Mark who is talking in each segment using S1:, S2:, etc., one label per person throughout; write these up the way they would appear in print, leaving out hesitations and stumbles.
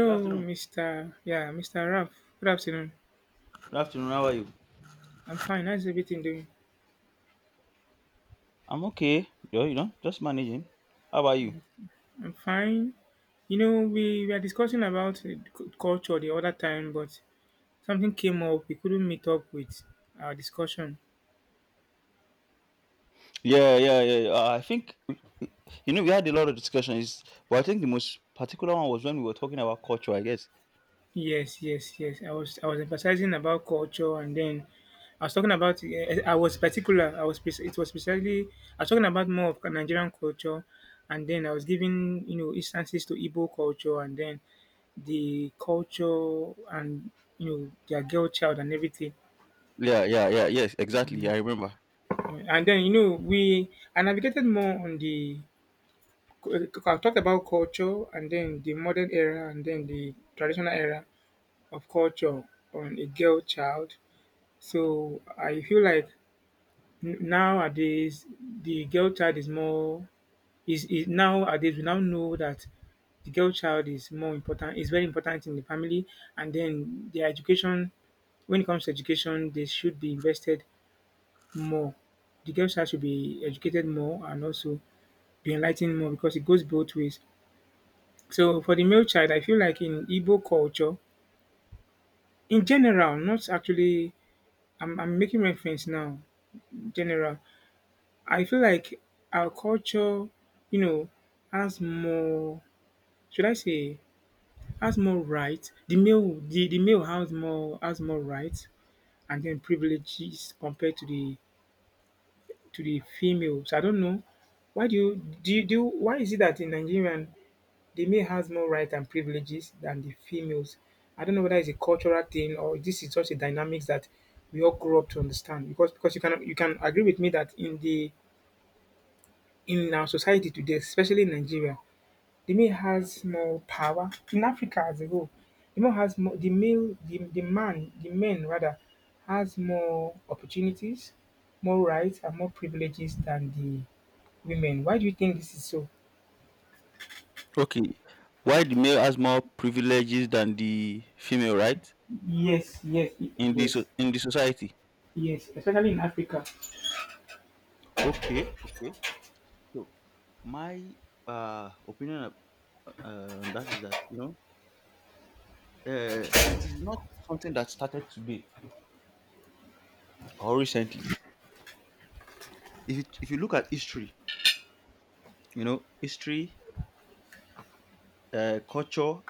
S1: Good afternoon.
S2: Mr. Raf. Good afternoon.
S1: Good afternoon. How are you?
S2: I'm fine. How's everything doing?
S1: I'm okay. Yeah, you know, just managing. How about you?
S2: I'm fine. We were discussing about culture the other time, but something came up. We couldn't meet up with our discussion.
S1: Yeah, yeah, yeah. Yeah. I think we had a lot of discussions, but I think the most particular one was when we were talking about culture, I guess.
S2: Yes, yes, yes. I was emphasizing about culture, and then I was talking about. I was particular. It was precisely. I was talking about more of Nigerian culture, and then I was giving instances to Igbo culture, and then the culture and their girl child and everything.
S1: Yeah, yeah, yeah. Yes, exactly. I remember.
S2: And then we I navigated more on the. I talked about culture, and then the modern era, and then the traditional era of culture on a girl child. So I feel like nowadays the girl child is more is nowadays we now know that the girl child is more important, is very important in the family, and then their education. When it comes to education they should be invested more. The girl child should be educated more and also be enlightened more, because it goes both ways. So for the male child, I feel like in Igbo culture in general, not actually, I'm making reference now in general. I feel like our culture, you know, has more, should I say, has more rights. The male has more rights and then privileges compared to the female. So I don't know. Why do you do you, do you- Why is it that in Nigerian the male has more rights and privileges than the females? I don't know whether it's a cultural thing, or this is just a dynamics that we all grew up to understand. Because you can agree with me that in the in our society today, especially in Nigeria, the male has more power. In Africa as a whole, the male has more the male the man the men rather has more opportunities, more rights, and more privileges than the women. Why do you think this is so?
S1: Okay, why the male has more privileges than the female, right?
S2: Yes, yes,
S1: In the so-
S2: yes,
S1: in the society.
S2: yes, especially in Africa.
S1: Okay. Okay. So my opinion on that is that it is not something that started today or recently. If you look at history, you know history, culture,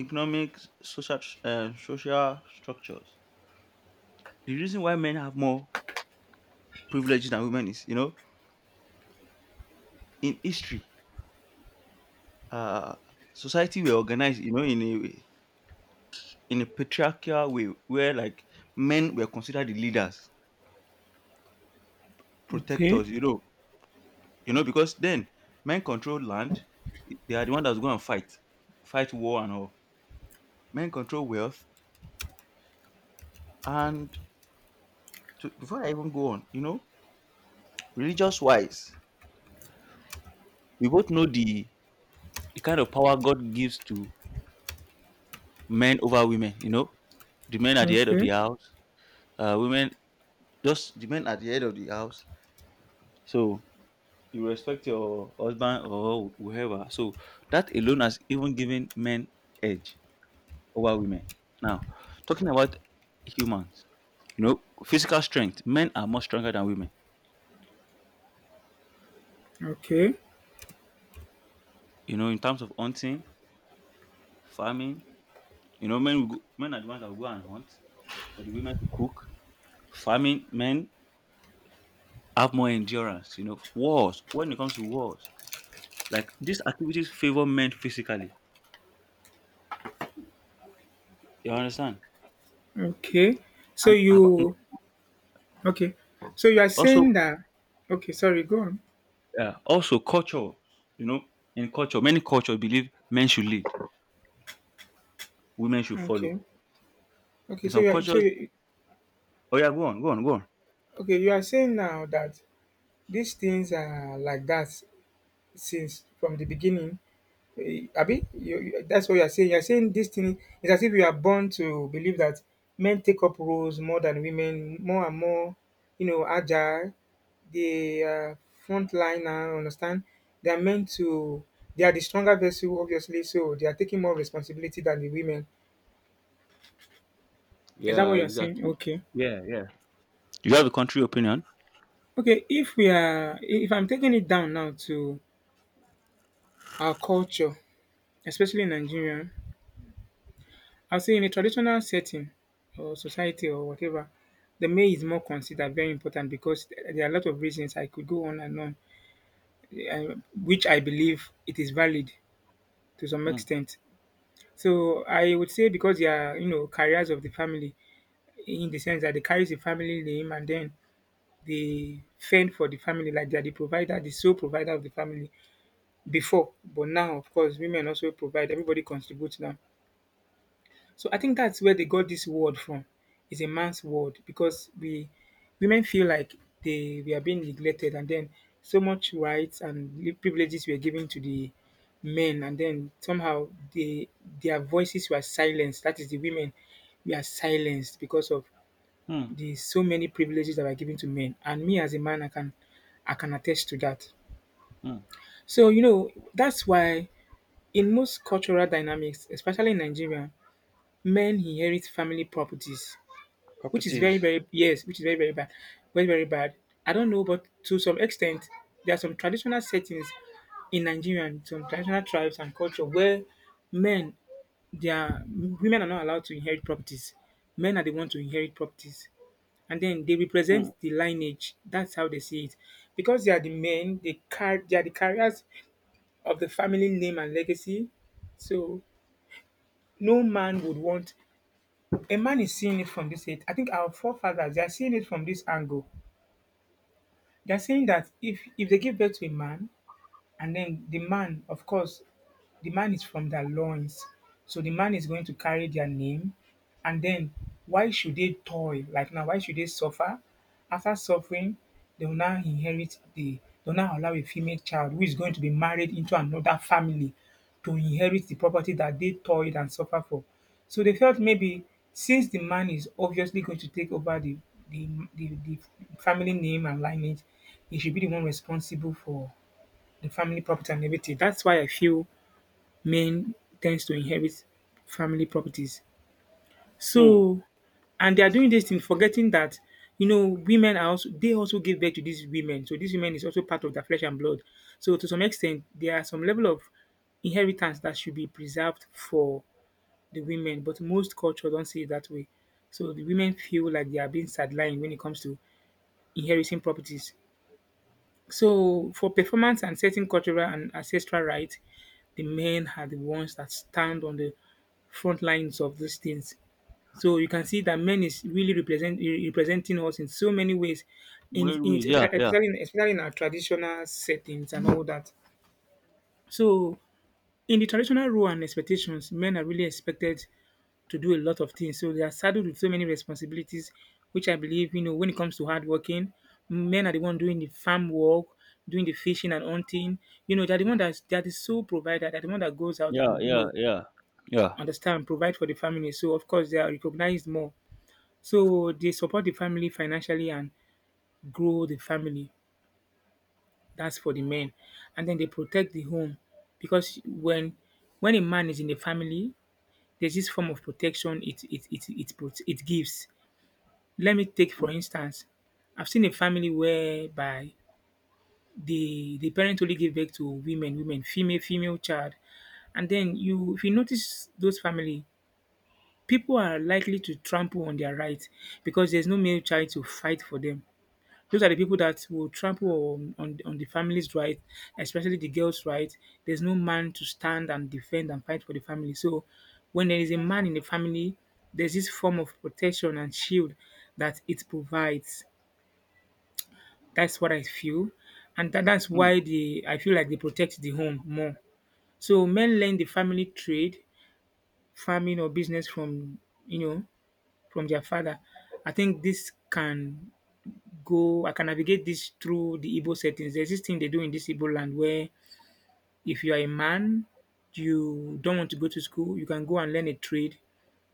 S1: economics, social structures. The reason why men have more privileges than women is, in history, uh, society were organized, in a patriarchal way where like men were considered the leaders,
S2: Okay,
S1: protectors. Because then men controlled land. They are the one that's going to fight war, and all. Men control wealth. And before I even go on, religious wise, we both know the kind of power God gives to men over women. The men at the head of the
S2: okay,
S1: house, women, just the men at the head of the house. So you respect your husband or whoever. So that alone has even given men edge over women. Now, talking about humans, you know physical strength, men are much stronger than women.
S2: okay,
S1: In terms of hunting, farming. You know, men are the ones that will go and hunt for the women to cook. Farming, men have more endurance. You know, wars. When it comes to wars, like these activities favor men physically. You understand?
S2: okay. So
S1: And abo-
S2: you Okay? So you are
S1: Also,
S2: saying that? Okay, sorry, go on.
S1: also culture. You know, in culture, many cultures believe men should lead, women should
S2: Okay,
S1: follow.
S2: okay.
S1: In
S2: So
S1: some
S2: you are so
S1: cultures,
S2: you,
S1: oh yeah, go on, go on, go on.
S2: okay. You are saying now that these things are like that since from the beginning. Abi, that's what you are saying. You are saying this thing is as if you are born to believe that men take up roles more than women, more and more, you know, agile. They are frontliner, understand? They are meant to, they are the stronger vessel, obviously, so they are taking more responsibility than the women. Is that what
S1: Yeah,
S2: you're saying?
S1: exactly.
S2: Okay.
S1: Yeah, yeah. You have a country opinion.
S2: Okay, if we are, if I'm taking it down now to our culture, especially in Nigeria, I'll say in a traditional setting or society or whatever, the male is more considered very important, because there are a lot of reasons I could go on and on, uh, which I believe it is valid to some
S1: Mm,
S2: extent. So I would say, because they are, you know, carriers of the family, in the sense that they carry the family name and then they fend for the family, like they are the provider, the sole provider of the family before. But now, of course, women also provide. Everybody contributes now. So I think that's where they got this word from. It's a man's word, because we women feel like they we are being neglected, and then so much rights and privileges were given to the men, and then somehow they, their voices were silenced. That is the women, we are silenced because of
S1: mm,
S2: the so many privileges that are given to men. And me as a man, I can, I can attest to that.
S1: mm.
S2: So, you know, that's why in most cultural dynamics, especially in Nigeria, men inherit family properties, which is very
S1: Properties.
S2: very, yes, which is very very bad, very very bad. I don't know, but to some extent, there are some traditional settings in Nigeria and some traditional tribes and culture where men, they are, women are not allowed to inherit properties, men are the ones to inherit properties, and then they
S1: Mm,
S2: represent the lineage. That's how they see it, because they are the men, they car they are the carriers of the family name and legacy. So no man would want, a man is seeing it from this age. I think our forefathers, they are seeing it from this angle. They're saying that, if they give birth to a man, and then the man, of course, the man is from their loins, so the man is going to carry their name. And then why should they toil, like, now why should they suffer? After suffering, they will now inherit the, they will now allow a female child, who is going to be married into another family, to inherit the property that they toiled and suffer for. So they felt, maybe, since the man is obviously going to take over the, the family name and lineage, he should be the one responsible for, and family property and everything. That's why I feel men tends to inherit family properties.
S1: mm.
S2: So, and they are doing this thing, forgetting that, you know, women are also, they also give birth to these women. So these women is also part of their flesh and blood. So to some extent, there are some level of inheritance that should be preserved for the women, but most culture don't see it that way. So the women feel like they are being sidelined when it comes to inheriting properties. So, for performance and certain cultural and ancestral rights, the men are the ones that stand on the front lines of these things. So you can see that men is really represent, representing us in so many ways, in,
S1: Railways. Yeah, yeah.
S2: especially in, especially in our traditional settings and all that. So in the traditional role and expectations, men are really expected to do a lot of things. So they are saddled with so many responsibilities, which I believe, you know, when it comes to hard working, men are the one doing the farm work, doing the fishing and hunting. You know, they're the one that's, they're the sole provider, they're the one that goes out
S1: Yeah,
S2: and, you
S1: yeah,
S2: know,
S1: yeah, yeah,
S2: understand, provide for the family. So, of course, they are recognized more. So they support the family financially and grow the family. That's for the men. And then they protect the home, because when a man is in the family, there's this form of protection it it gives. Let me take for instance, I've seen a family whereby the parent only gave birth to female child. And then you, if you notice those family, people are likely to trample on their rights, because there's no male child to fight for them. Those are the people that will trample on the family's right, especially the girl's right. There's no man to stand and defend and fight for the family. So when there is a man in the family, there's this form of protection and shield that it provides. That's what I feel, and that's
S1: mm,
S2: why they, I feel like they protect the home more. So men learn the family trade, farming or business from, you know, from their father. I think this can go, I can navigate this through the Igbo settings. There's this thing they do in this Igbo land where, if you are a man, you don't want to go to school, you can go and learn a trade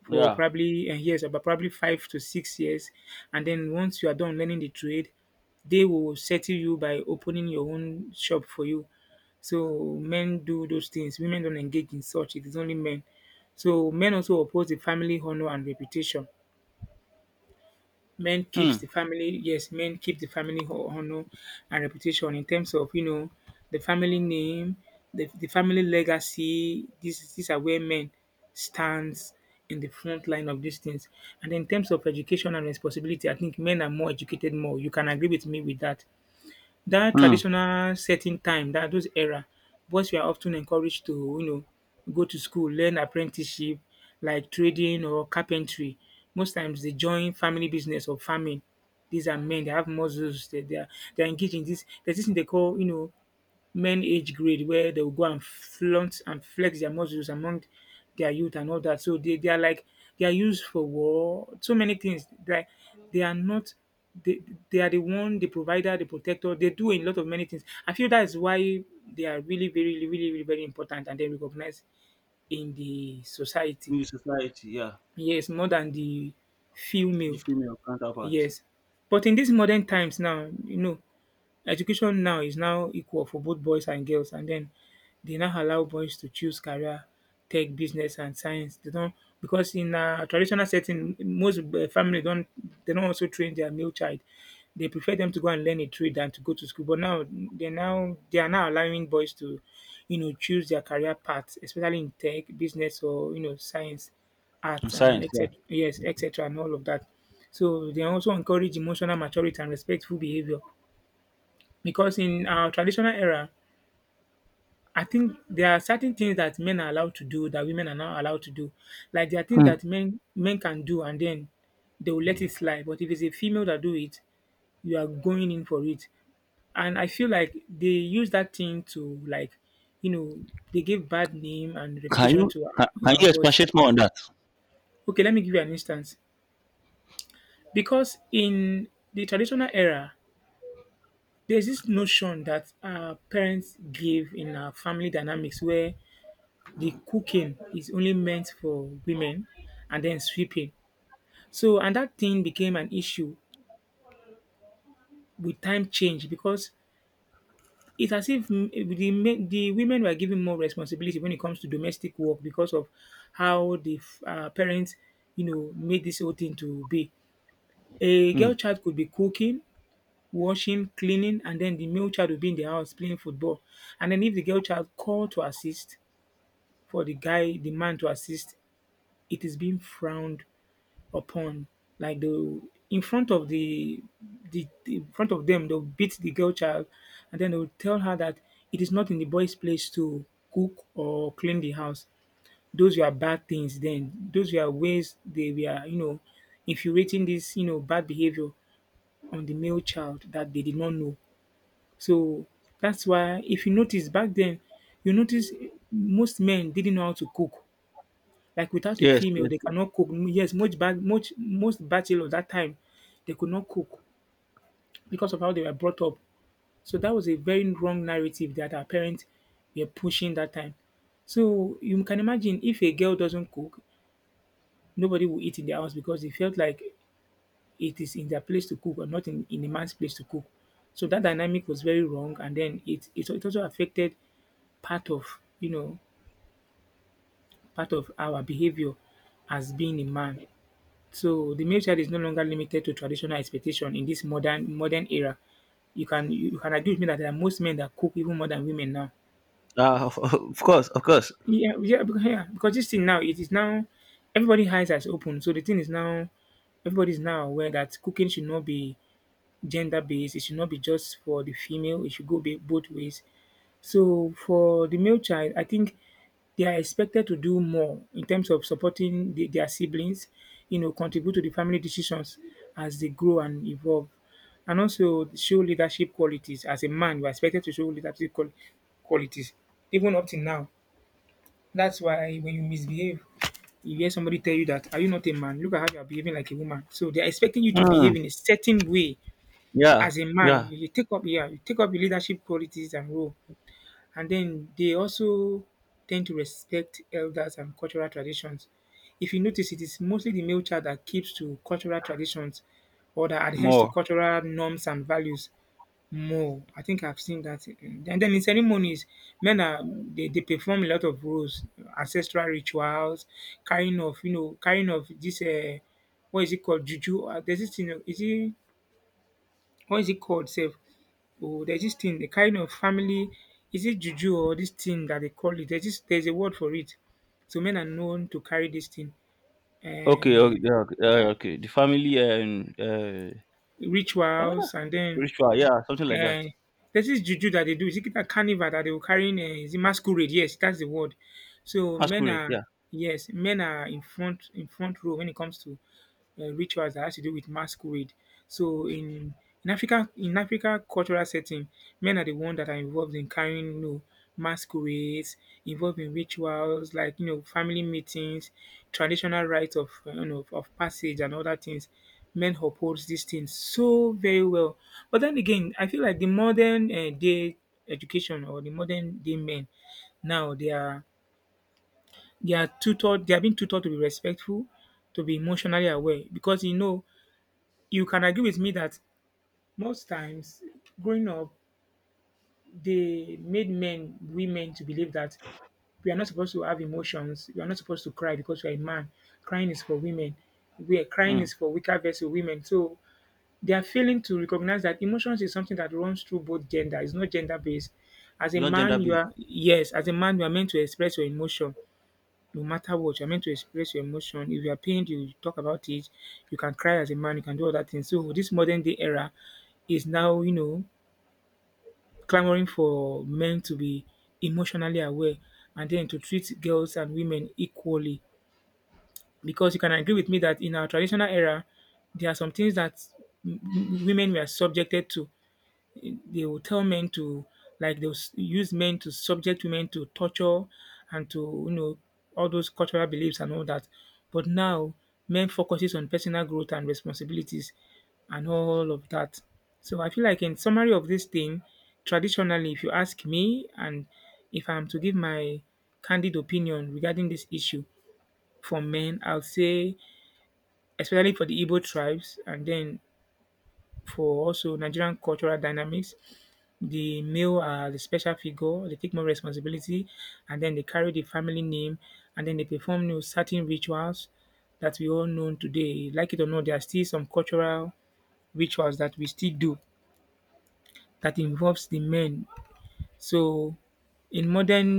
S2: for
S1: yeah.
S2: probably years, about probably 5 to 6 years. And then once you are done learning the trade, they will settle you by opening your own shop for you. So men do those things. Women don't engage in such. It is only men. So men also oppose the family honor and reputation. Men keeps
S1: Hmm.
S2: the family, yes, men keep the family honor and reputation in terms of, you know, the family name, the family legacy. These are where men stands in the front line of these things. And in terms of education and responsibility, I think men are more educated more, you can agree with me with that. That
S1: Hmm.
S2: traditional setting time, that those era, boys were often encouraged to, you know, go to school, learn apprenticeship, like trading or carpentry. Most times they join family business or farming. These are men, they have muscles, they are, they are engaged in this. There's this thing they call, you know, men age grade, where they will go and flaunt and flex their muscles among their youth and all that. So they are like, they are used for war. So many things, like they are not they, they are the one, the provider, the protector. They do a lot of many things. I feel that is why they are really very, really, really, really very important and then recognized in the society.
S1: In the society, yeah,
S2: Yes, more than the
S1: the
S2: female.
S1: female counterpart.
S2: Yes. But in these modern times now, education now is now equal for both boys and girls, and then they now allow boys to choose career, tech, business, and science. They don't, because in a traditional setting, most family don't. They don't also train their male child. They prefer them to go and learn a trade than to go to school, but now, they are now allowing boys to, choose their career path, especially in tech, business, or science,
S1: In
S2: art, and
S1: science, yeah.
S2: etc., yes, etcetera, and all of that. So they also encourage emotional maturity and respectful behaviour. Because in our traditional era, I think there are certain things that men are allowed to do that women are not allowed to do. Like there are things
S1: Hmm.
S2: that men can do, and then they will let it slide. But if it's a female that do it, you are going in for it. And I feel like they use that thing to, like, you know, they give bad name and
S1: Can
S2: reputation
S1: you
S2: to
S1: can, can
S2: our
S1: you
S2: boys.
S1: expatiate more on that?
S2: Okay, let me give you an instance. Because in the traditional era, there's this notion that our parents give in our family dynamics, where the cooking is only meant for women, and then sweeping. So, and that thing became an issue with time change, because it's as if the women were given more responsibility when it comes to domestic work because of how the parents, made this whole thing to be. A
S1: Hmm.
S2: girl child could be cooking, washing, cleaning, and then the male child would be in the house playing football. And then if the girl child called to assist for the guy, the man to assist, it is being frowned upon, like, the in front of the- in front of them they'll beat the girl child, and then they'll tell her that it is not in the boy's place to cook or clean the house. Those were bad things then. Those were ways they were, infuriating this, bad behavior on the male child that they did not know. So that's why, if you notice back then, you notice most men didn't know how to cook. Like, without a
S1: Yes,
S2: female,
S1: yes,
S2: they
S1: yes.
S2: cannot cook. Mm, yes, most bachelor that time, they could not cook because of how they were brought up. So that was a very wrong narrative that our parents were pushing that time. So you can imagine, if a girl doesn't cook, nobody will eat in the house, because they felt like it is in their place to cook, or not in a man's place to cook. So that dynamic was very wrong, and then it also affected part of, part of our behavior as being a man. So the male child is no longer limited to traditional expectation in this modern era. You can agree with me that there are most men that cook even more than women now.
S1: Of, of course, of course.
S2: Yeah, yeah, because this thing now, it is now everybody eyes are open. So the thing is now everybody is now aware that cooking should not be gender based. It should not be just for the female. It should go be both ways. So for the male child, I think they are expected to do more in terms of supporting their siblings, contribute to the family decisions as they grow and evolve, and also show leadership qualities. As a man, you are expected to show leadership qualities, even up till now. That's why, when you misbehave, you hear somebody tell you that, "Are you not a man? Look at how you are behaving like a woman." So they are expecting you to
S1: Hmm.
S2: behave in a certain way
S1: Yeah,
S2: as a man.
S1: yeah,
S2: You take up, yeah, you take up your leadership qualities and role, and then they also tend to respect elders and cultural traditions. If you notice, it is mostly the male child that keeps to cultural traditions, or that adheres to
S1: more.
S2: cultural norms and values more. I think I've seen that. And then in ceremonies, they perform a lot of roles, ancestral rituals, carrying of this, what is it called, juju? There's this thing. Is it, what is it called? Self. Oh, there's this thing, a kind of family. Is it juju, or this thing that they call it? There's this, there's a word for it. So men are known to carry this thing,
S1: Okay, okay,
S2: uh,
S1: yeah, okay. Okay. The family and ah,
S2: rituals, and then
S1: ritual, yeah, something like that.
S2: uh, there's this juju that they do. Is it a carnival that they were carrying? Is it masquerade? Yes, that's the word. So men
S1: Masquerade,
S2: are,
S1: yeah.
S2: yes, men are in front row when it comes to rituals that has to do with masquerade. So in Africa cultural setting, men are the ones that are involved in carrying, masquerades, involved in rituals, like, family meetings, traditional rites of of passage and other things. Men uphold these things so very well. But then again, I feel like the modern day education, or the modern day men now, they are, they are tutored they are being tutored to be respectful, to be emotionally aware, because, you can agree with me that most times, growing up, they made men, women to believe that we are not supposed to have emotions, we are not supposed to cry because we are a man. Crying is for women. We are Crying
S1: Hmm.
S2: is for weaker vessel women. So they are failing to recognize that emotions is something that runs through both gender. It's not gender based. As a
S1: It's not gender
S2: man, you
S1: based,
S2: are, yes, as a man, you are meant to express your emotion, no matter what. You're meant to express your emotion. If you are pained, you talk about it. You can cry as a man, you can do other things. So this modern day era is now, clamoring for men to be emotionally aware, and then to treat girls and women equally. Because you can agree with me that in our traditional era, there are some things that women were subjected to. They will tell men to, like, use men to subject women to torture, and to, all those cultural beliefs and all that. But now, men focuses on personal growth and responsibilities, and all of that. So I feel like, in summary of this thing, traditionally, if you ask me, and if I'm to give my candid opinion regarding this issue, for men, I'll say, especially for the Igbo tribes, and then for also Nigerian cultural dynamics, the male are the special figure, they take more responsibility, and then they carry the family name, and then they perform, certain rituals that we all know today. Like it or not, there are still some cultural rituals that we still do that involves the men. So in modern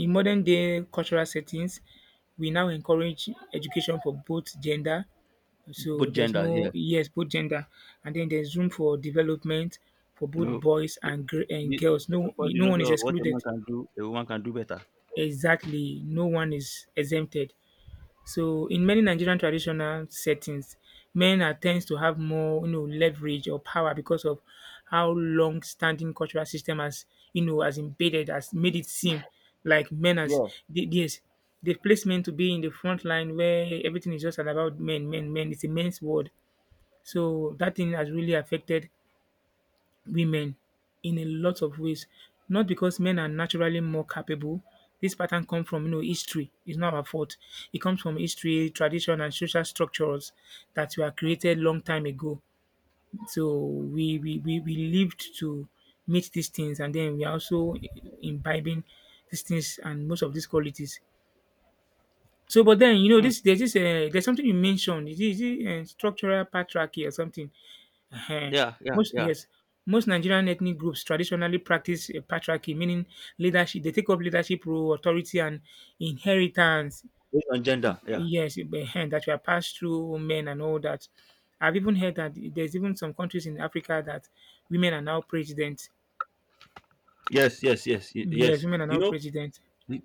S2: in modern day cultural settings, we now encourage education for both gender, so
S1: both
S2: there's
S1: genders, yeah.
S2: no, yes, both gender, and then there's room for development for
S1: You
S2: both
S1: know.
S2: boys
S1: The
S2: and and girls.
S1: to
S2: No,
S1: support the
S2: no one
S1: notion
S2: is
S1: of what a man
S2: excluded.
S1: can do, a woman can do better.
S2: Exactly, no one is exempted. So in many Nigerian traditional settings, men are tends to have more, leverage or power, because of how long-standing cultural system has, has embedded, has made it seem like men as,
S1: Yeah.
S2: they, yes, they place men to be in the front line, where everything is just about men, men, men, it's a men's world. So that thing has really affected women in a lot of ways. Not because men are naturally more capable. This pattern comes from, history. It's not our fault. It comes from history, tradition, and social structures that were created long time ago. So we lived to meet these things, and then we are also imbibing these things and most of these qualities. So, but then,
S1: Hmm.
S2: this, there's this, there's something you mentioned. Is it, is it, structural patriarchy or something? Eh,
S1: Yeah, yeah,
S2: most,
S1: yeah.
S2: yes, most Nigerian ethnic groups traditionally practice, patriarchy, meaning leadership. They take up leadership role, authority, and inheritance.
S1: Based on gender. Yeah.
S2: Yes, that were passed through men and all that. I've even heard that there's even some countries in Africa that women are now president.
S1: Yes, yes, yes,
S2: Yes,
S1: yes.
S2: women are
S1: You
S2: now
S1: know,
S2: president.
S1: it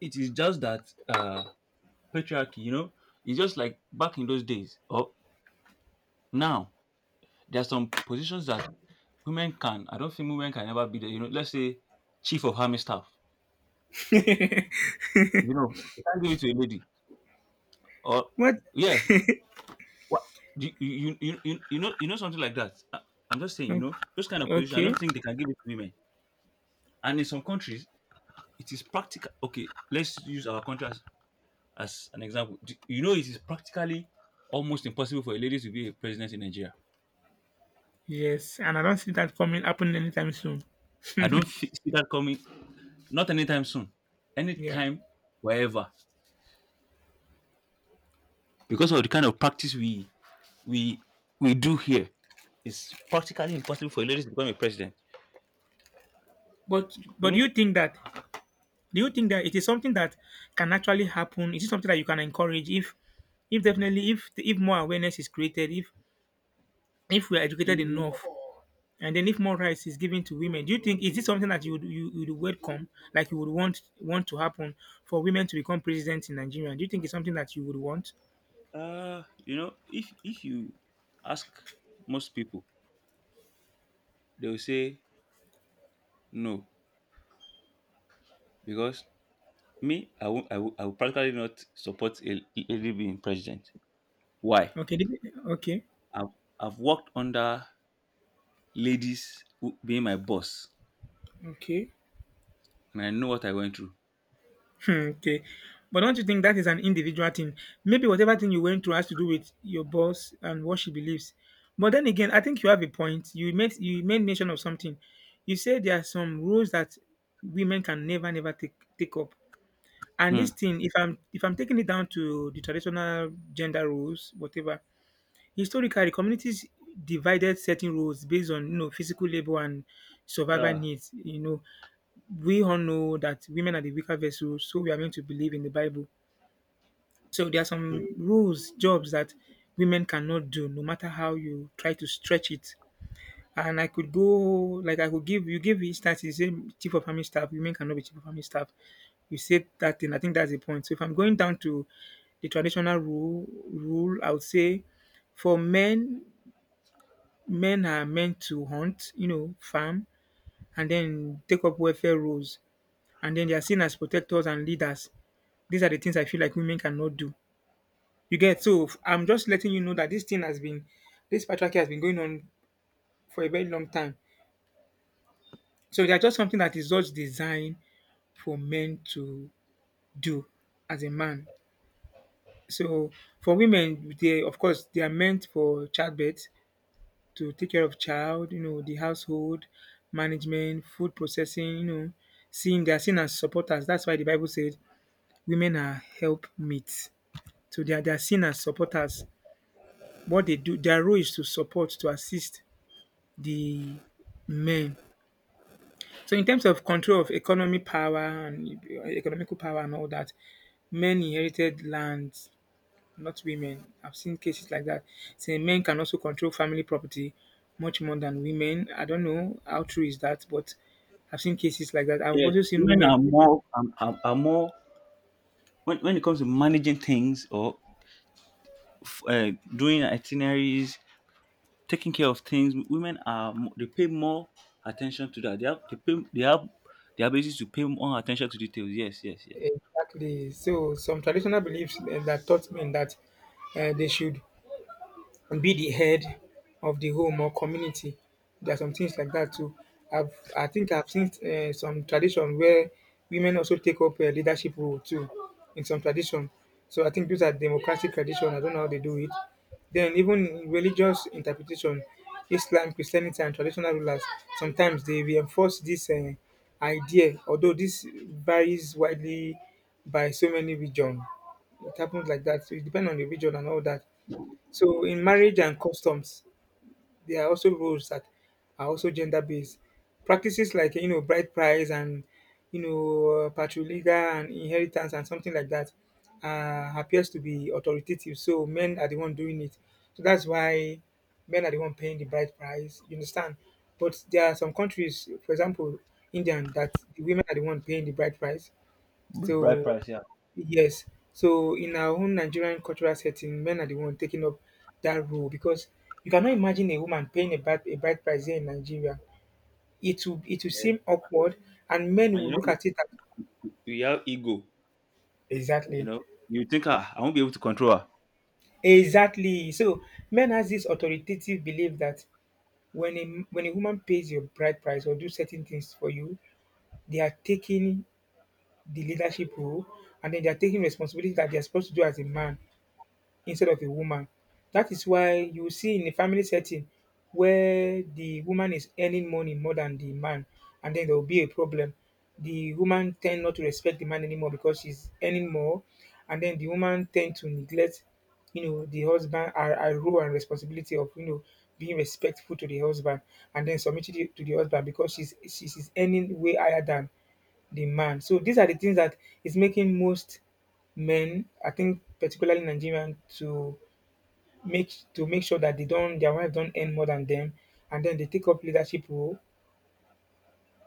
S1: it is just that patriarchy. You know, it's just like back in those days. Or now, there are some positions that women can. I don't think women can ever be there. You know, let's say chief of army staff. You know, you can't give it to a lady. Or
S2: What?
S1: yeah, what you know something like that. I'm just saying, you
S2: Mm,
S1: know, those kind of positions. I don't
S2: okay.
S1: think they can give it to women. And in some countries, it is practical. Okay, let's use our country as an example. You know, it is practically almost impossible for a lady to be a president in Nigeria.
S2: Yes, and I don't see that coming happening anytime soon.
S1: I don't see that coming. Not anytime soon.
S2: yeah,
S1: Anytime, wherever, because of the kind of practice we we do here, it's practically impossible for a lady to become a president.
S2: but
S1: You
S2: but do
S1: know,
S2: you think that do you think that it is something that can actually happen? Is it something that you can encourage if definitely if more awareness is created, if we are educated
S1: in,
S2: enough, and then if more rights is given to women, do you think is this something that you would welcome, like you would want to happen for women to become president in Nigeria? Do you think it's something that you would want?
S1: you know, if you ask most people, they will say no. Because me, I will practically not support a lady being president. Why?
S2: Okay, okay,
S1: I've, I've worked under ladies who, being my boss,
S2: okay.
S1: and I know what I went through.
S2: Hmm, okay. But don't you think that is an individual thing? Maybe whatever thing you went through has to do with your boss and what she believes. But then again, I think you have a point. You made mention of something. You said there are some rules that women can never take up. And
S1: Hmm.
S2: this thing, if I'm taking it down to the traditional gender roles, whatever, historically communities divided certain roles based on you know physical labor and survival
S1: Yeah.
S2: needs. You know, we all know that women are the weaker vessels, so we are meant to believe in the Bible. So there are
S1: Hmm.
S2: some roles, jobs that women cannot do, no matter how you try to stretch it. And I could go, like I could give instance. You say chief of army staff, women cannot be chief of army staff. You said that thing. I think that's the point. So if I'm going down to the traditional rule I would say for men, men are meant to hunt, you know, farm, and then take up welfare roles, and then they are seen as protectors and leaders. These are the things I feel like women cannot do. You get so I'm just letting you know that this thing has been this patriarchy has been going on for a very long time. So they are just something that is just designed for men to do as a man. So for women, they of course they are meant for childbirth to take care of child, you know, the household management, food processing, you know, seeing they are seen as supporters. That's why the Bible said women are help meets. So they are seen as supporters. What they do, their role is to support, to assist the men. So in terms of control of economic power and economical power and all that, men inherited lands, not women. I've seen cases like that. Saying men can also control family property much more than women. I don't know how true is that, but I've seen cases like that. I've
S1: Yeah.
S2: also seen
S1: Women
S2: women.
S1: are more When it comes to managing things or doing itineraries, taking care of things, they pay more attention to that. They have the ability to pay more attention to details. Yes, yes, yes.
S2: Exactly. So some traditional beliefs that taught men that they should And be the head of the home or community. There are some things like that too. I think I've seen some tradition where women also take up a leadership role too in some tradition. So I think those are democratic tradition. I don't know how they do it. Then even in religious interpretation, Islam, Christianity, and traditional rulers sometimes they reinforce this idea. Although this varies widely by so many regions, it happens like that. So it depends on the region and all that. So in marriage and customs, there are also rules that are also gender based. Practices like you know bride price and you know patrilineal and inheritance and something like that appears to be authoritative. So men are the one doing it. So that's why men are the one paying the bride price. You understand? But there are some countries, for example, India, that the women are the one paying the bride price.
S1: Bright
S2: So
S1: price, yeah.
S2: yes. So in our own Nigerian cultural setting, men are the one taking up that role because you cannot imagine a woman paying a bride price here in Nigeria. It will
S1: Yeah.
S2: seem awkward and men
S1: And you
S2: will look
S1: know,
S2: at it as
S1: we have ego, you
S2: exactly.
S1: know. You think, ah, I won't be able to control her.
S2: Exactly. So men has this authoritative belief that when a when a woman pays your bride price or do certain things for you, they are taking the leadership role and then they are taking responsibility that they are supposed to do as a man, instead of a woman. That is why you see in a family setting where the woman is earning money more than the man, and then there will be a problem. The woman tend not to respect the man anymore because she's earning more, and then the woman tend to neglect, you know, the husband our role and responsibility of you know being respectful to the husband and then submitting to the husband because she's earning way higher than the man. So these are the things that is making most men, I think particularly Nigerian, to make sure that they don't their wives don't earn more than them, and then they take up leadership role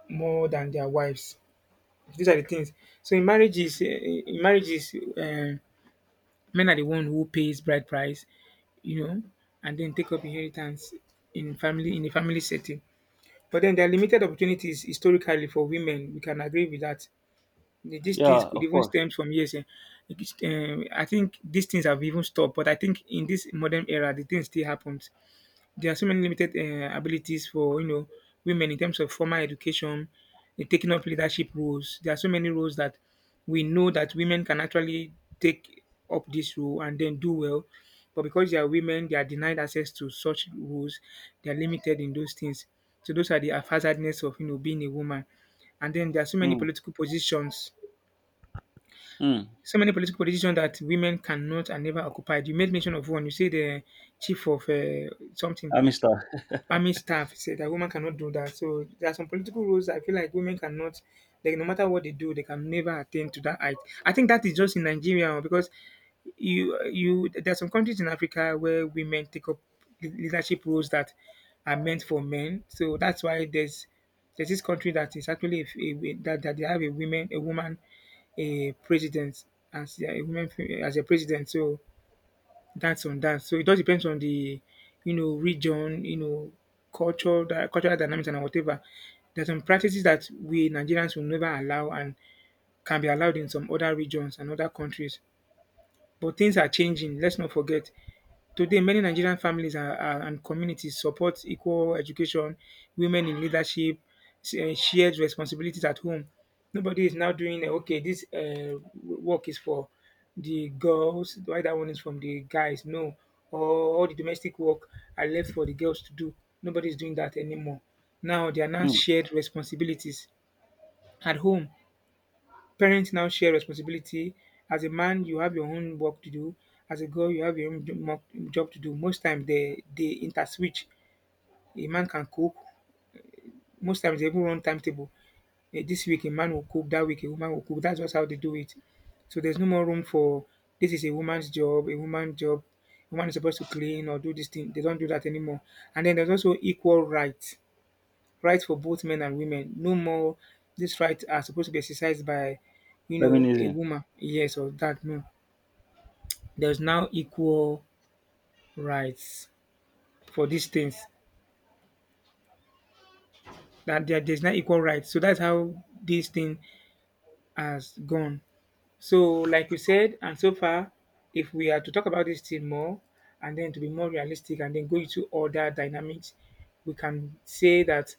S2: more than their wives. These are the things. So in marriages, in marriages, men are the one who pays bride price, you know, and then take up inheritance in a family setting. But then there are limited opportunities historically for women. We can agree with that. These things
S1: Yeah,
S2: could
S1: of
S2: even
S1: course.
S2: stem from years. Eh. It's, I think these things have even stopped, but I think in this modern era, the thing still happens. There are so many limited abilities for you know women in terms of formal education, in taking up leadership roles. There are so many roles that we know that women can actually take up this role and then do well, but because they are women, they are denied access to such roles. They are limited in those things. So those are the haphazardness of you know being a woman. And then there are so many
S1: Mm.
S2: political positions
S1: Mm.
S2: so many political positions that women cannot and never occupied. You made mention of one. You said the chief of something
S1: I missed her.
S2: army staff said that women cannot do that. So there are some political rules I feel like women cannot, like no matter what they do, they can never attain to that height. I think that is just in Nigeria oh, because you there are some countries in Africa where women take up leadership roles that are meant for men. So that's why there's this country that is actually that they have a woman a president as a woman as a president. So that's on that. So it all depends on the, you know, region, you know, culture, the cultural dynamics and whatever. There's some practices that we Nigerians will never allow and can be allowed in some other regions and other countries. But things are changing. Let's not forget. Today, many Nigerian families and communities support equal education, women in leadership, shared responsibilities at home. Nobody is now doing, eh, okay, this work is for the girls, why that one is from the guys. No, or all the domestic work are left for the girls to do. Nobody is doing that anymore. Now, they are now
S1: Mm.
S2: shared responsibilities at home. Parents now share responsibility. As a man, you have your own work to do. As a girl, you have your own job to do. Most times they interswitch. A man can cook. Most times they even run timetable. This week a man will cook. That week a woman will cook. That's just how they do it. So there's no more room for this is a woman's job, a woman's job. A woman is supposed to clean or do this thing. They don't do that anymore. And then there's also equal rights for both men and women. No more these rights are supposed to be exercised by, you know, a
S1: Feminism.
S2: woman. Yes or that. No. There's now equal rights for these things. There's now equal rights. So that's how this thing has gone. So, like you said, and so far, if we are to talk about this thing more and then to be more realistic and then go into other dynamics, we can say that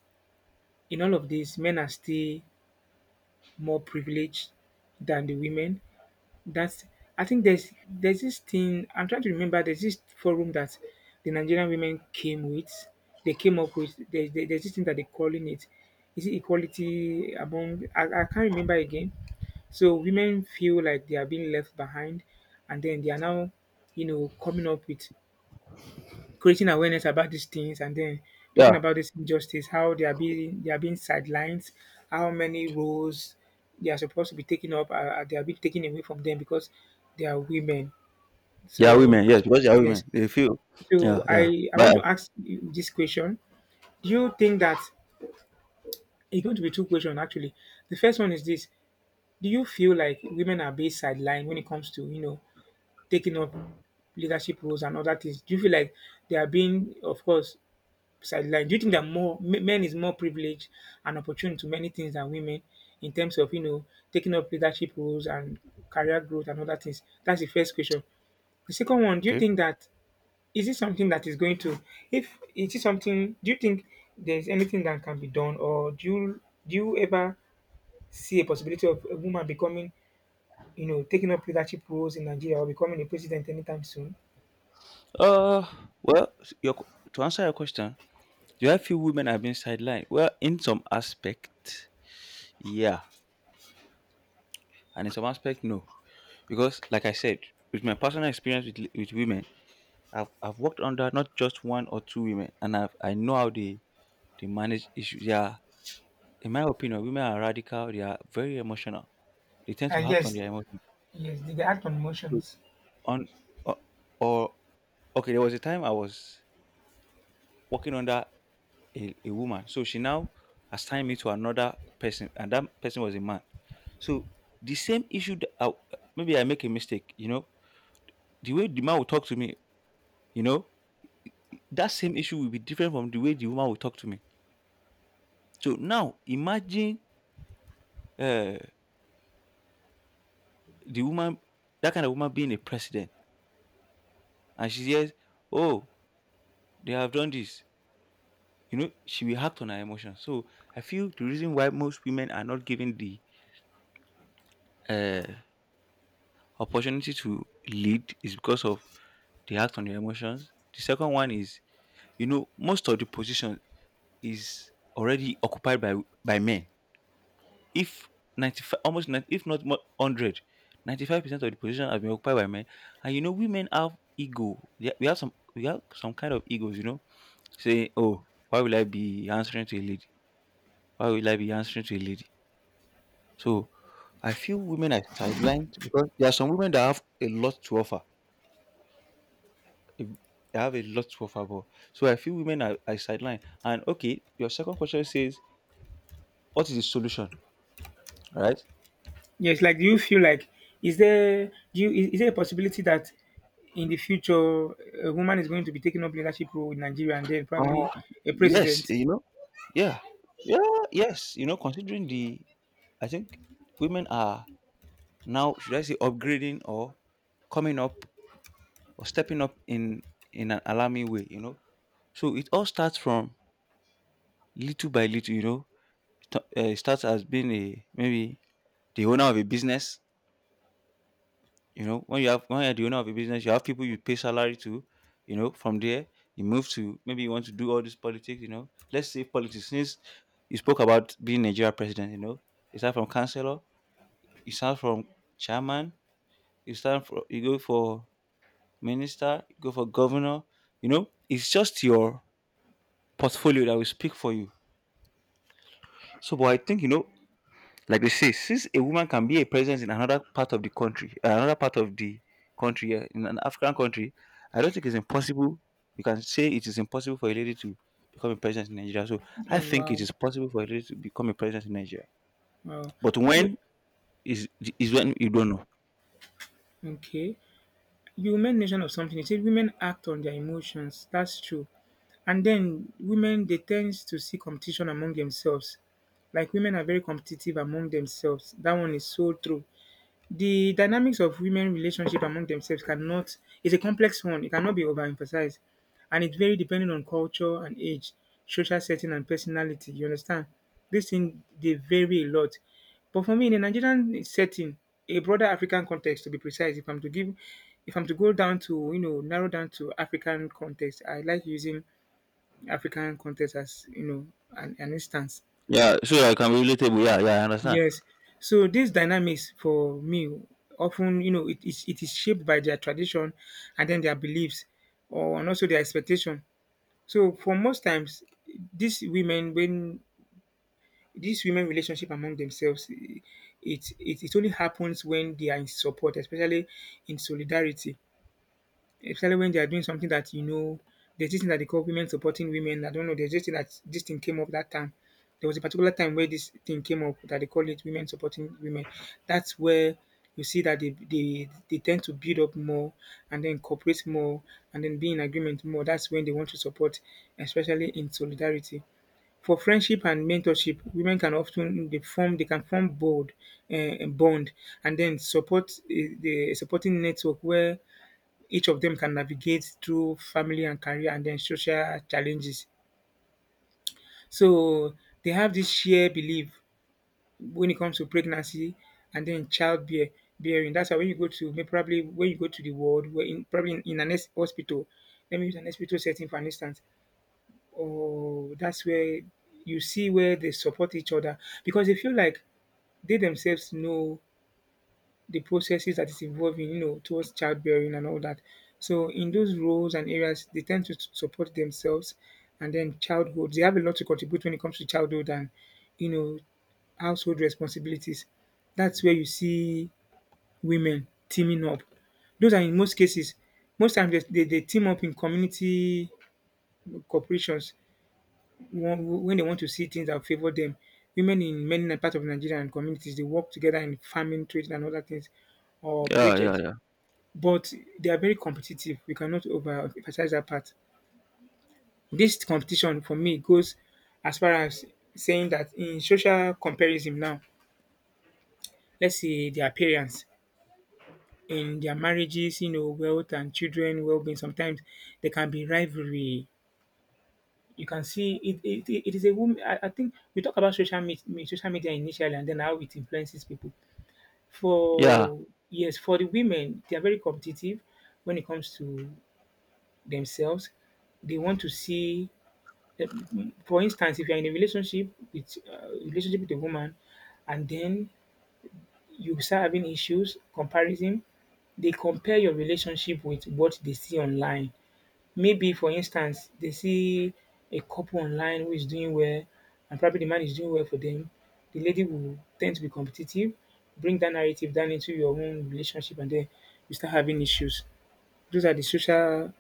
S2: in all of this, men are still more privileged than the women. That's I think there's this thing I'm trying to remember. There's this forum that the Nigerian women came with. They came up with there's this thing that they're calling it. Is it equality among? I can't remember again. So women feel like they are being left behind, and then they are now, you know, coming up with creating awareness about these things and then
S1: Yeah,
S2: talking about this injustice, how they are being sidelined, how many roles they are supposed to be taking up they are being taken away from them because they are women.
S1: they are
S2: So
S1: women. Yes, because they are
S2: yes,
S1: women, they feel.
S2: so
S1: Yeah, yeah.
S2: I want
S1: But
S2: to ask you this question: do you think that it's going to be two questions actually? The first one is this: do you feel like women are being sidelined when it comes to taking up leadership roles and other things? Do you feel like they are being, of course, sideline. Do you think that more men is more privileged and opportunity to many things than women in terms of taking up leadership roles and career growth and other things? That's the first question. The second one, do you
S1: okay.
S2: think that is it something that is going to if is it something do you think there's anything that can be done or do you ever see a possibility of a woman becoming taking up leadership roles in Nigeria or becoming a president anytime soon?
S1: Uh, well, your to answer your question, do I feel women have been sidelined? Well, in some aspect, yeah, and in some aspect, no, because like I said, with my personal experience with women, I've worked under not just one or two women, and I know how they manage issues. Yeah. In my opinion, women are radical. They are very emotional. They tend to
S2: And
S1: act on
S2: yes,
S1: their emotions.
S2: yes, did they act on
S1: So
S2: emotions?
S1: on or, or okay, there was a time I was working under a woman. So she now assigned me to another person, and that person was a man. So the same issue that I, maybe I make a mistake, you know, the way the man will talk to me, you know, that same issue will be different from the way the woman will talk to me. So now imagine uh, the woman, that kind of woman being a president, and she says, "Oh, they have done this." She will act on her emotions. So I feel the reason why most women are not given the uh, opportunity to lead is because of they act on their emotions. The second one is, most of the position is already occupied by men. If 95, almost 90, if not more, 100% of the position has been occupied by men. And women have ego. Yeah, we have some kind of egos. Say, "Oh, why will I be answering to a lady? Why will I be answering to a lady?" So I feel women are sidelined because there are some women that have a lot to offer. If- They have a lot to offer. But so I feel women are sidelined. And okay, your second question says, what is the solution? Right?
S2: Yes, like do you feel like is there do you is there a possibility that in the future a woman is going to be taking up leadership role in Nigeria and then probably
S1: Uh,
S2: a
S1: yes,
S2: president?
S1: you know, yeah, yeah, yes, considering, I think women are now, should I say, upgrading or coming up or stepping up in an alarming way. So it all starts from little by little. Starts as being a maybe the owner of a business. You know, when you're the owner of a business, you have people you pay salary to. You know, from there you move to maybe you want to do all this politics. You know, let's say politics. Since you spoke about being Nigeria president, you start from councillor, you start from chairman, you start from you go for minister, you go for governor. You know, it's just your portfolio that will speak for you. So, but I think, like they say, since a woman can be a presence in another part of the country, yeah, in an African country, I don't think it's impossible. You can say it is impossible for a lady to become a presence in Nigeria. So I
S2: Oh
S1: think it
S2: wow,
S1: is possible for a lady to become a presence in Nigeria.
S2: wow.
S1: But
S2: Wait,
S1: when is is when you don't know.
S2: okay, you made mention of something. You said women act on their emotions. That's true. And then women they tend to see competition among themselves. Like women are very competitive among themselves. That one is so true. The dynamics of women relationship among themselves cannot is a complex one. It cannot be overemphasized, and it very depending on culture and age, social setting, and personality. You understand? This thing they vary a lot. But for me, in a Nigerian setting, a broader African context, to be precise, if I'm to give, if I'm to go down to narrow down to African context, I like using African context as an instance.
S1: Yeah, so I can be relatable. Yeah, yeah, I understand.
S2: Yes. So these dynamics for me often, you know, it is shaped by their tradition and then their beliefs or and also their expectation. So for most times these women when these women relationship among themselves eh, it only happens when they are in support, especially in solidarity especially when they are doing something that you know. There's this thing that they call women supporting women. I don't know. There's this thing that this thing came up that time. There was a particular time where this thing came up that they call it women supporting women. That's where you see that they tend to build up more and then cooperate more and then be in agreement more. That's when they want to support, especially in solidarity. For friendship and mentorship, women can often they form they can form board bond and then support the supporting network where each of them can navigate through family and career and then social challenges. So they have this shared belief when it comes to pregnancy and then childbear bearing. That's why when you go to probably when you go to the world, where in probably in an hospital, let me use an hospital setting for an instance. Oh, that's where you see where they support each other because they feel like they themselves know the processes that is evolving, you know, towards childbearing and all that. So in those roles and areas, they tend to support themselves, and then childhood. They have a lot to contribute when it comes to childhood and you know household responsibilities. That's where you see women teaming up. Those are in most cases. Most times they team up in community corporations when they want to see things that favor them. Women in many parts of Nigeria and communities, they work together in farming, trading, and other things or
S1: Yeah, yeah,
S2: projects
S1: yeah,
S2: but they are very competitive. We cannot overemphasize that part. This competition for me goes as far as saying that in social comparison now, let's say their parents in their marriages, you know, wealth and children well-being. Sometimes there can be rivalry. You can see it. It is a woman. I think we talk about social media initially, and then how it influences people.
S1: yeah.
S2: For yes, for the women, they are very competitive when it comes to themselves. They want to see Uh, for instance, if you're in a relationship with a woman, and then you start having issues, comparison, they compare your relationship with what they see online. Maybe, for instance, they see a couple online who is doing well, and probably the man is doing well for them. The lady will tend to be competitive, bring that narrative down into your own relationship, and then you start having issues. Those are the social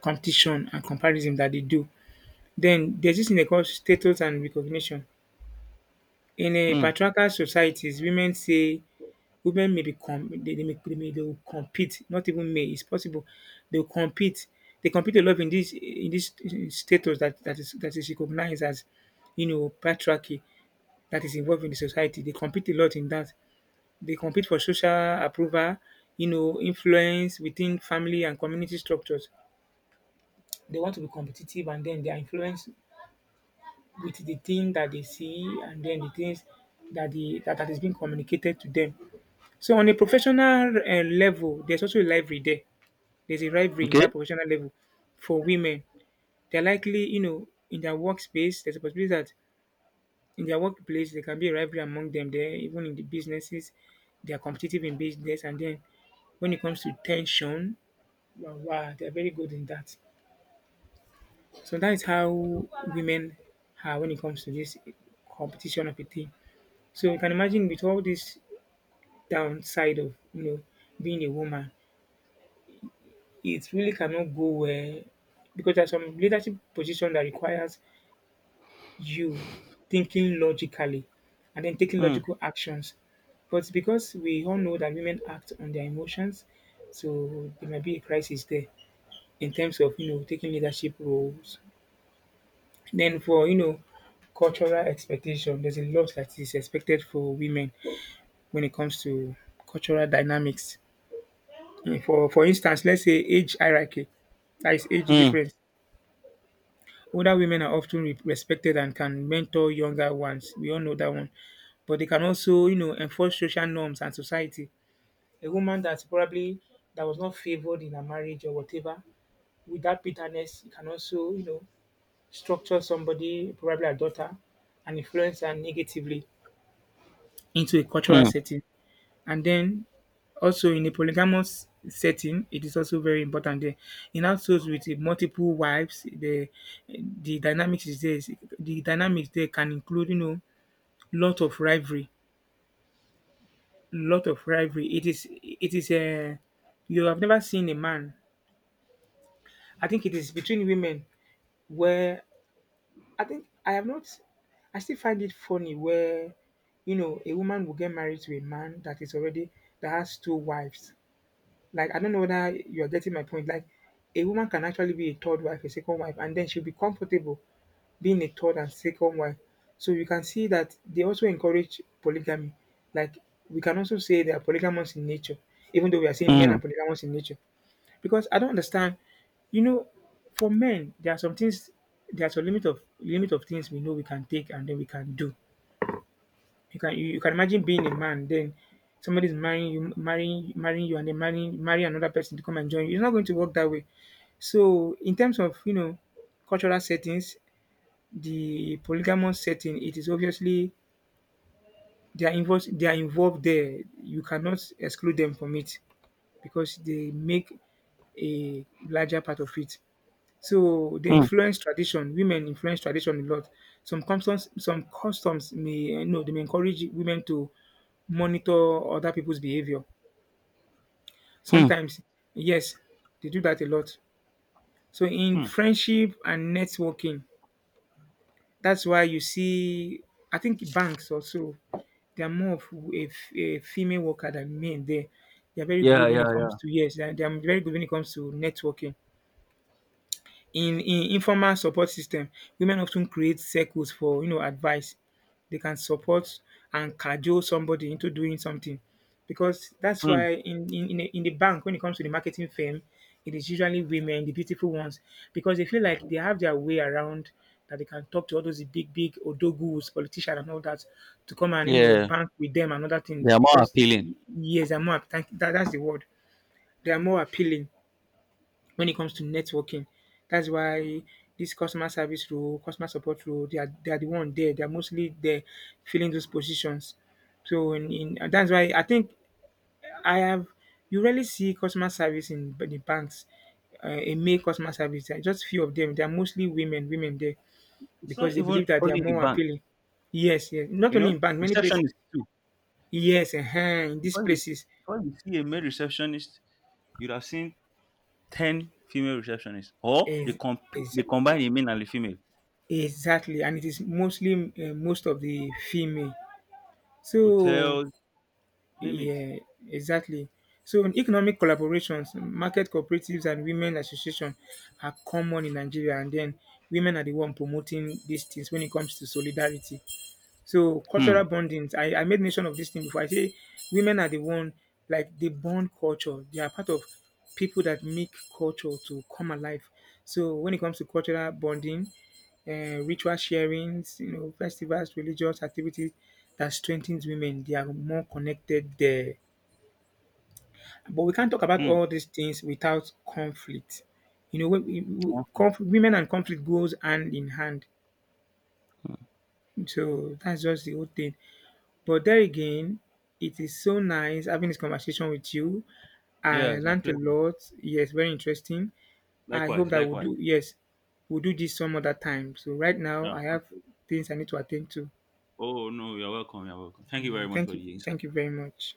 S2: competition and comparison that they do. Then there's this thing they call status and recognition. In a
S1: Hmm.
S2: patriarchal societies, women say women may become they will compete, not even may, it's possible. They'll compete. They compete a lot in this status that, that is recognized as patriarchy that is involved in the society. They compete a lot in that. They compete for social approval, you know, influence within family and community structures. They want to be competitive and then they are influenced with the thing that they see and then the things that that is being communicated to them. So on a professional level, there's also a rivalry there. There's a rivalry in
S1: Okay.
S2: that professional level for women. They're likely, you know, in their workspace, there's a possibility that in their workplace there can be a rivalry among them there, even in the businesses, they are competitive in business and then when it comes to tension, wow, wow they're very good in that. So that is how women are when it comes to this competition of a thing. So you can imagine with all this downside of being a woman, it really cannot go well because there's some leadership position that requires you thinking logically and then taking
S1: Hmm.
S2: logical actions. But because we all know that women act on their emotions, so there might be a crisis there in terms of taking leadership roles. Then for cultural expectation, there's a lot that is expected for women when it comes to cultural dynamics. Mm, for instance, let's say age hierarchy, that is age
S1: Hmm.
S2: difference. Older women are often respected and can mentor younger ones. We all know that one, but they can also, you know, enforce social norms and society. A woman that's probably that was not favored in a marriage or whatever, with that bitterness, you can also, you know, structure somebody, probably a daughter, and influence her negatively into a cultural
S1: Hmm.
S2: setting. And then also in a polygamous setting, it is also very important there. In households with a multiple wives, the dynamics is there. The dynamics there can include, you know, lot of rivalry, lot of rivalry. It is a you have never seen a man. I think it is between women where I think I have not. I still find it funny where you know a woman will get married to a man that is already that has two wives. Like I don't know whether you're getting my point. Like a woman can actually be a third wife, a second wife, and then she'll be comfortable being a third and second wife. So you can see that they also encourage polygamy. Like we can also say they are polygamous in nature, even though we are saying men
S1: Hmm.
S2: are polygamous in nature. Because I don't understand, you know, for men there are some things, there are some limit of things we know we can take and then we can do. You can imagine being a man, then somebody's marrying you, marrying you, and then marrying marry another person to come and join you. It's not going to work that way. So in terms of cultural settings, the polygamous setting, it is obviously they are involved. They are involved there. You cannot exclude them from it because they make a larger part of it. So they
S1: Hmm.
S2: influence tradition. Women influence tradition a lot. Some customs may no, they may encourage women to monitor other people's behavior.
S1: Hmm,
S2: Sometimes, yes, they do that a lot. So in
S1: hmm.
S2: friendship and networking, that's why you see. I think banks also they are more of a, a female worker than men. There, they are very
S1: Yeah,
S2: good when
S1: yeah,
S2: it comes
S1: yeah.
S2: to yes, they are very good when it comes to networking. In informal support system, women often create circles for advice. They can support and cajole somebody into doing something because that's
S1: Hmm.
S2: why in in the bank when it comes to the marketing firm, it is usually women, the beautiful ones, because they feel like they have their way around that they can talk to all those big big odogus, politicians and all that to come and
S1: Yeah,
S2: bank with them and other
S1: they
S2: things
S1: are more
S2: because
S1: appealing.
S2: yes, they're more appet- that's the word. They are more appealing when it comes to networking. That's why this customer service role, customer support role, they are the one there. They are mostly there filling those positions. So in and that's why I think I have you rarely see customer service in the banks, a male customer service. There are just few of them. They are mostly women, women there
S1: It's
S2: because
S1: not
S2: they believe
S1: even
S2: that they are
S1: only the
S2: more
S1: bank,
S2: appealing. Yes, yes. Not
S1: you
S2: only
S1: know.
S2: in bank, many places.
S1: Receptionists too.
S2: Yes, in these
S1: Before you,
S2: places
S1: Before you see a male receptionist, you'd have seen ten female receptionists, or
S2: is is
S1: they combine the male and the female.
S2: exactly, and it is mostly most of the female. So
S1: Hotels, name it.
S2: yeah, exactly. So in economic collaborations, market cooperatives and women association are common in Nigeria and then women are the one promoting these things when it comes to solidarity. So
S1: Hmm,
S2: cultural bondings, I made mention of this thing before. I say women are the one like they bond culture. They are part of people that make culture to come alive. So when it comes to cultural bonding, ritual sharings, you know, festivals, religious activities that strengthens women, they are more connected there. But we can't talk about
S1: hmm.
S2: all these things without conflict. You know, when
S1: Honestly,
S2: women and conflict goes hand in hand. So that's just the whole thing. But there again, it is so nice having this conversation with you.
S1: yeah,
S2: I
S1: it's my
S2: learned a
S1: pleasure.
S2: lot. Yes, very interesting. I
S1: Likewise,
S2: hope that we'll
S1: likewise.
S2: do yes, we'll do this some other time. So right now
S1: Yeah.
S2: I have
S1: Absolutely.
S2: things I need to attend to.
S1: Oh no, you're welcome. You're welcome. Thank you very
S2: Mm,
S1: much
S2: thank
S1: for
S2: you.
S1: the insight.
S2: Thank you very much.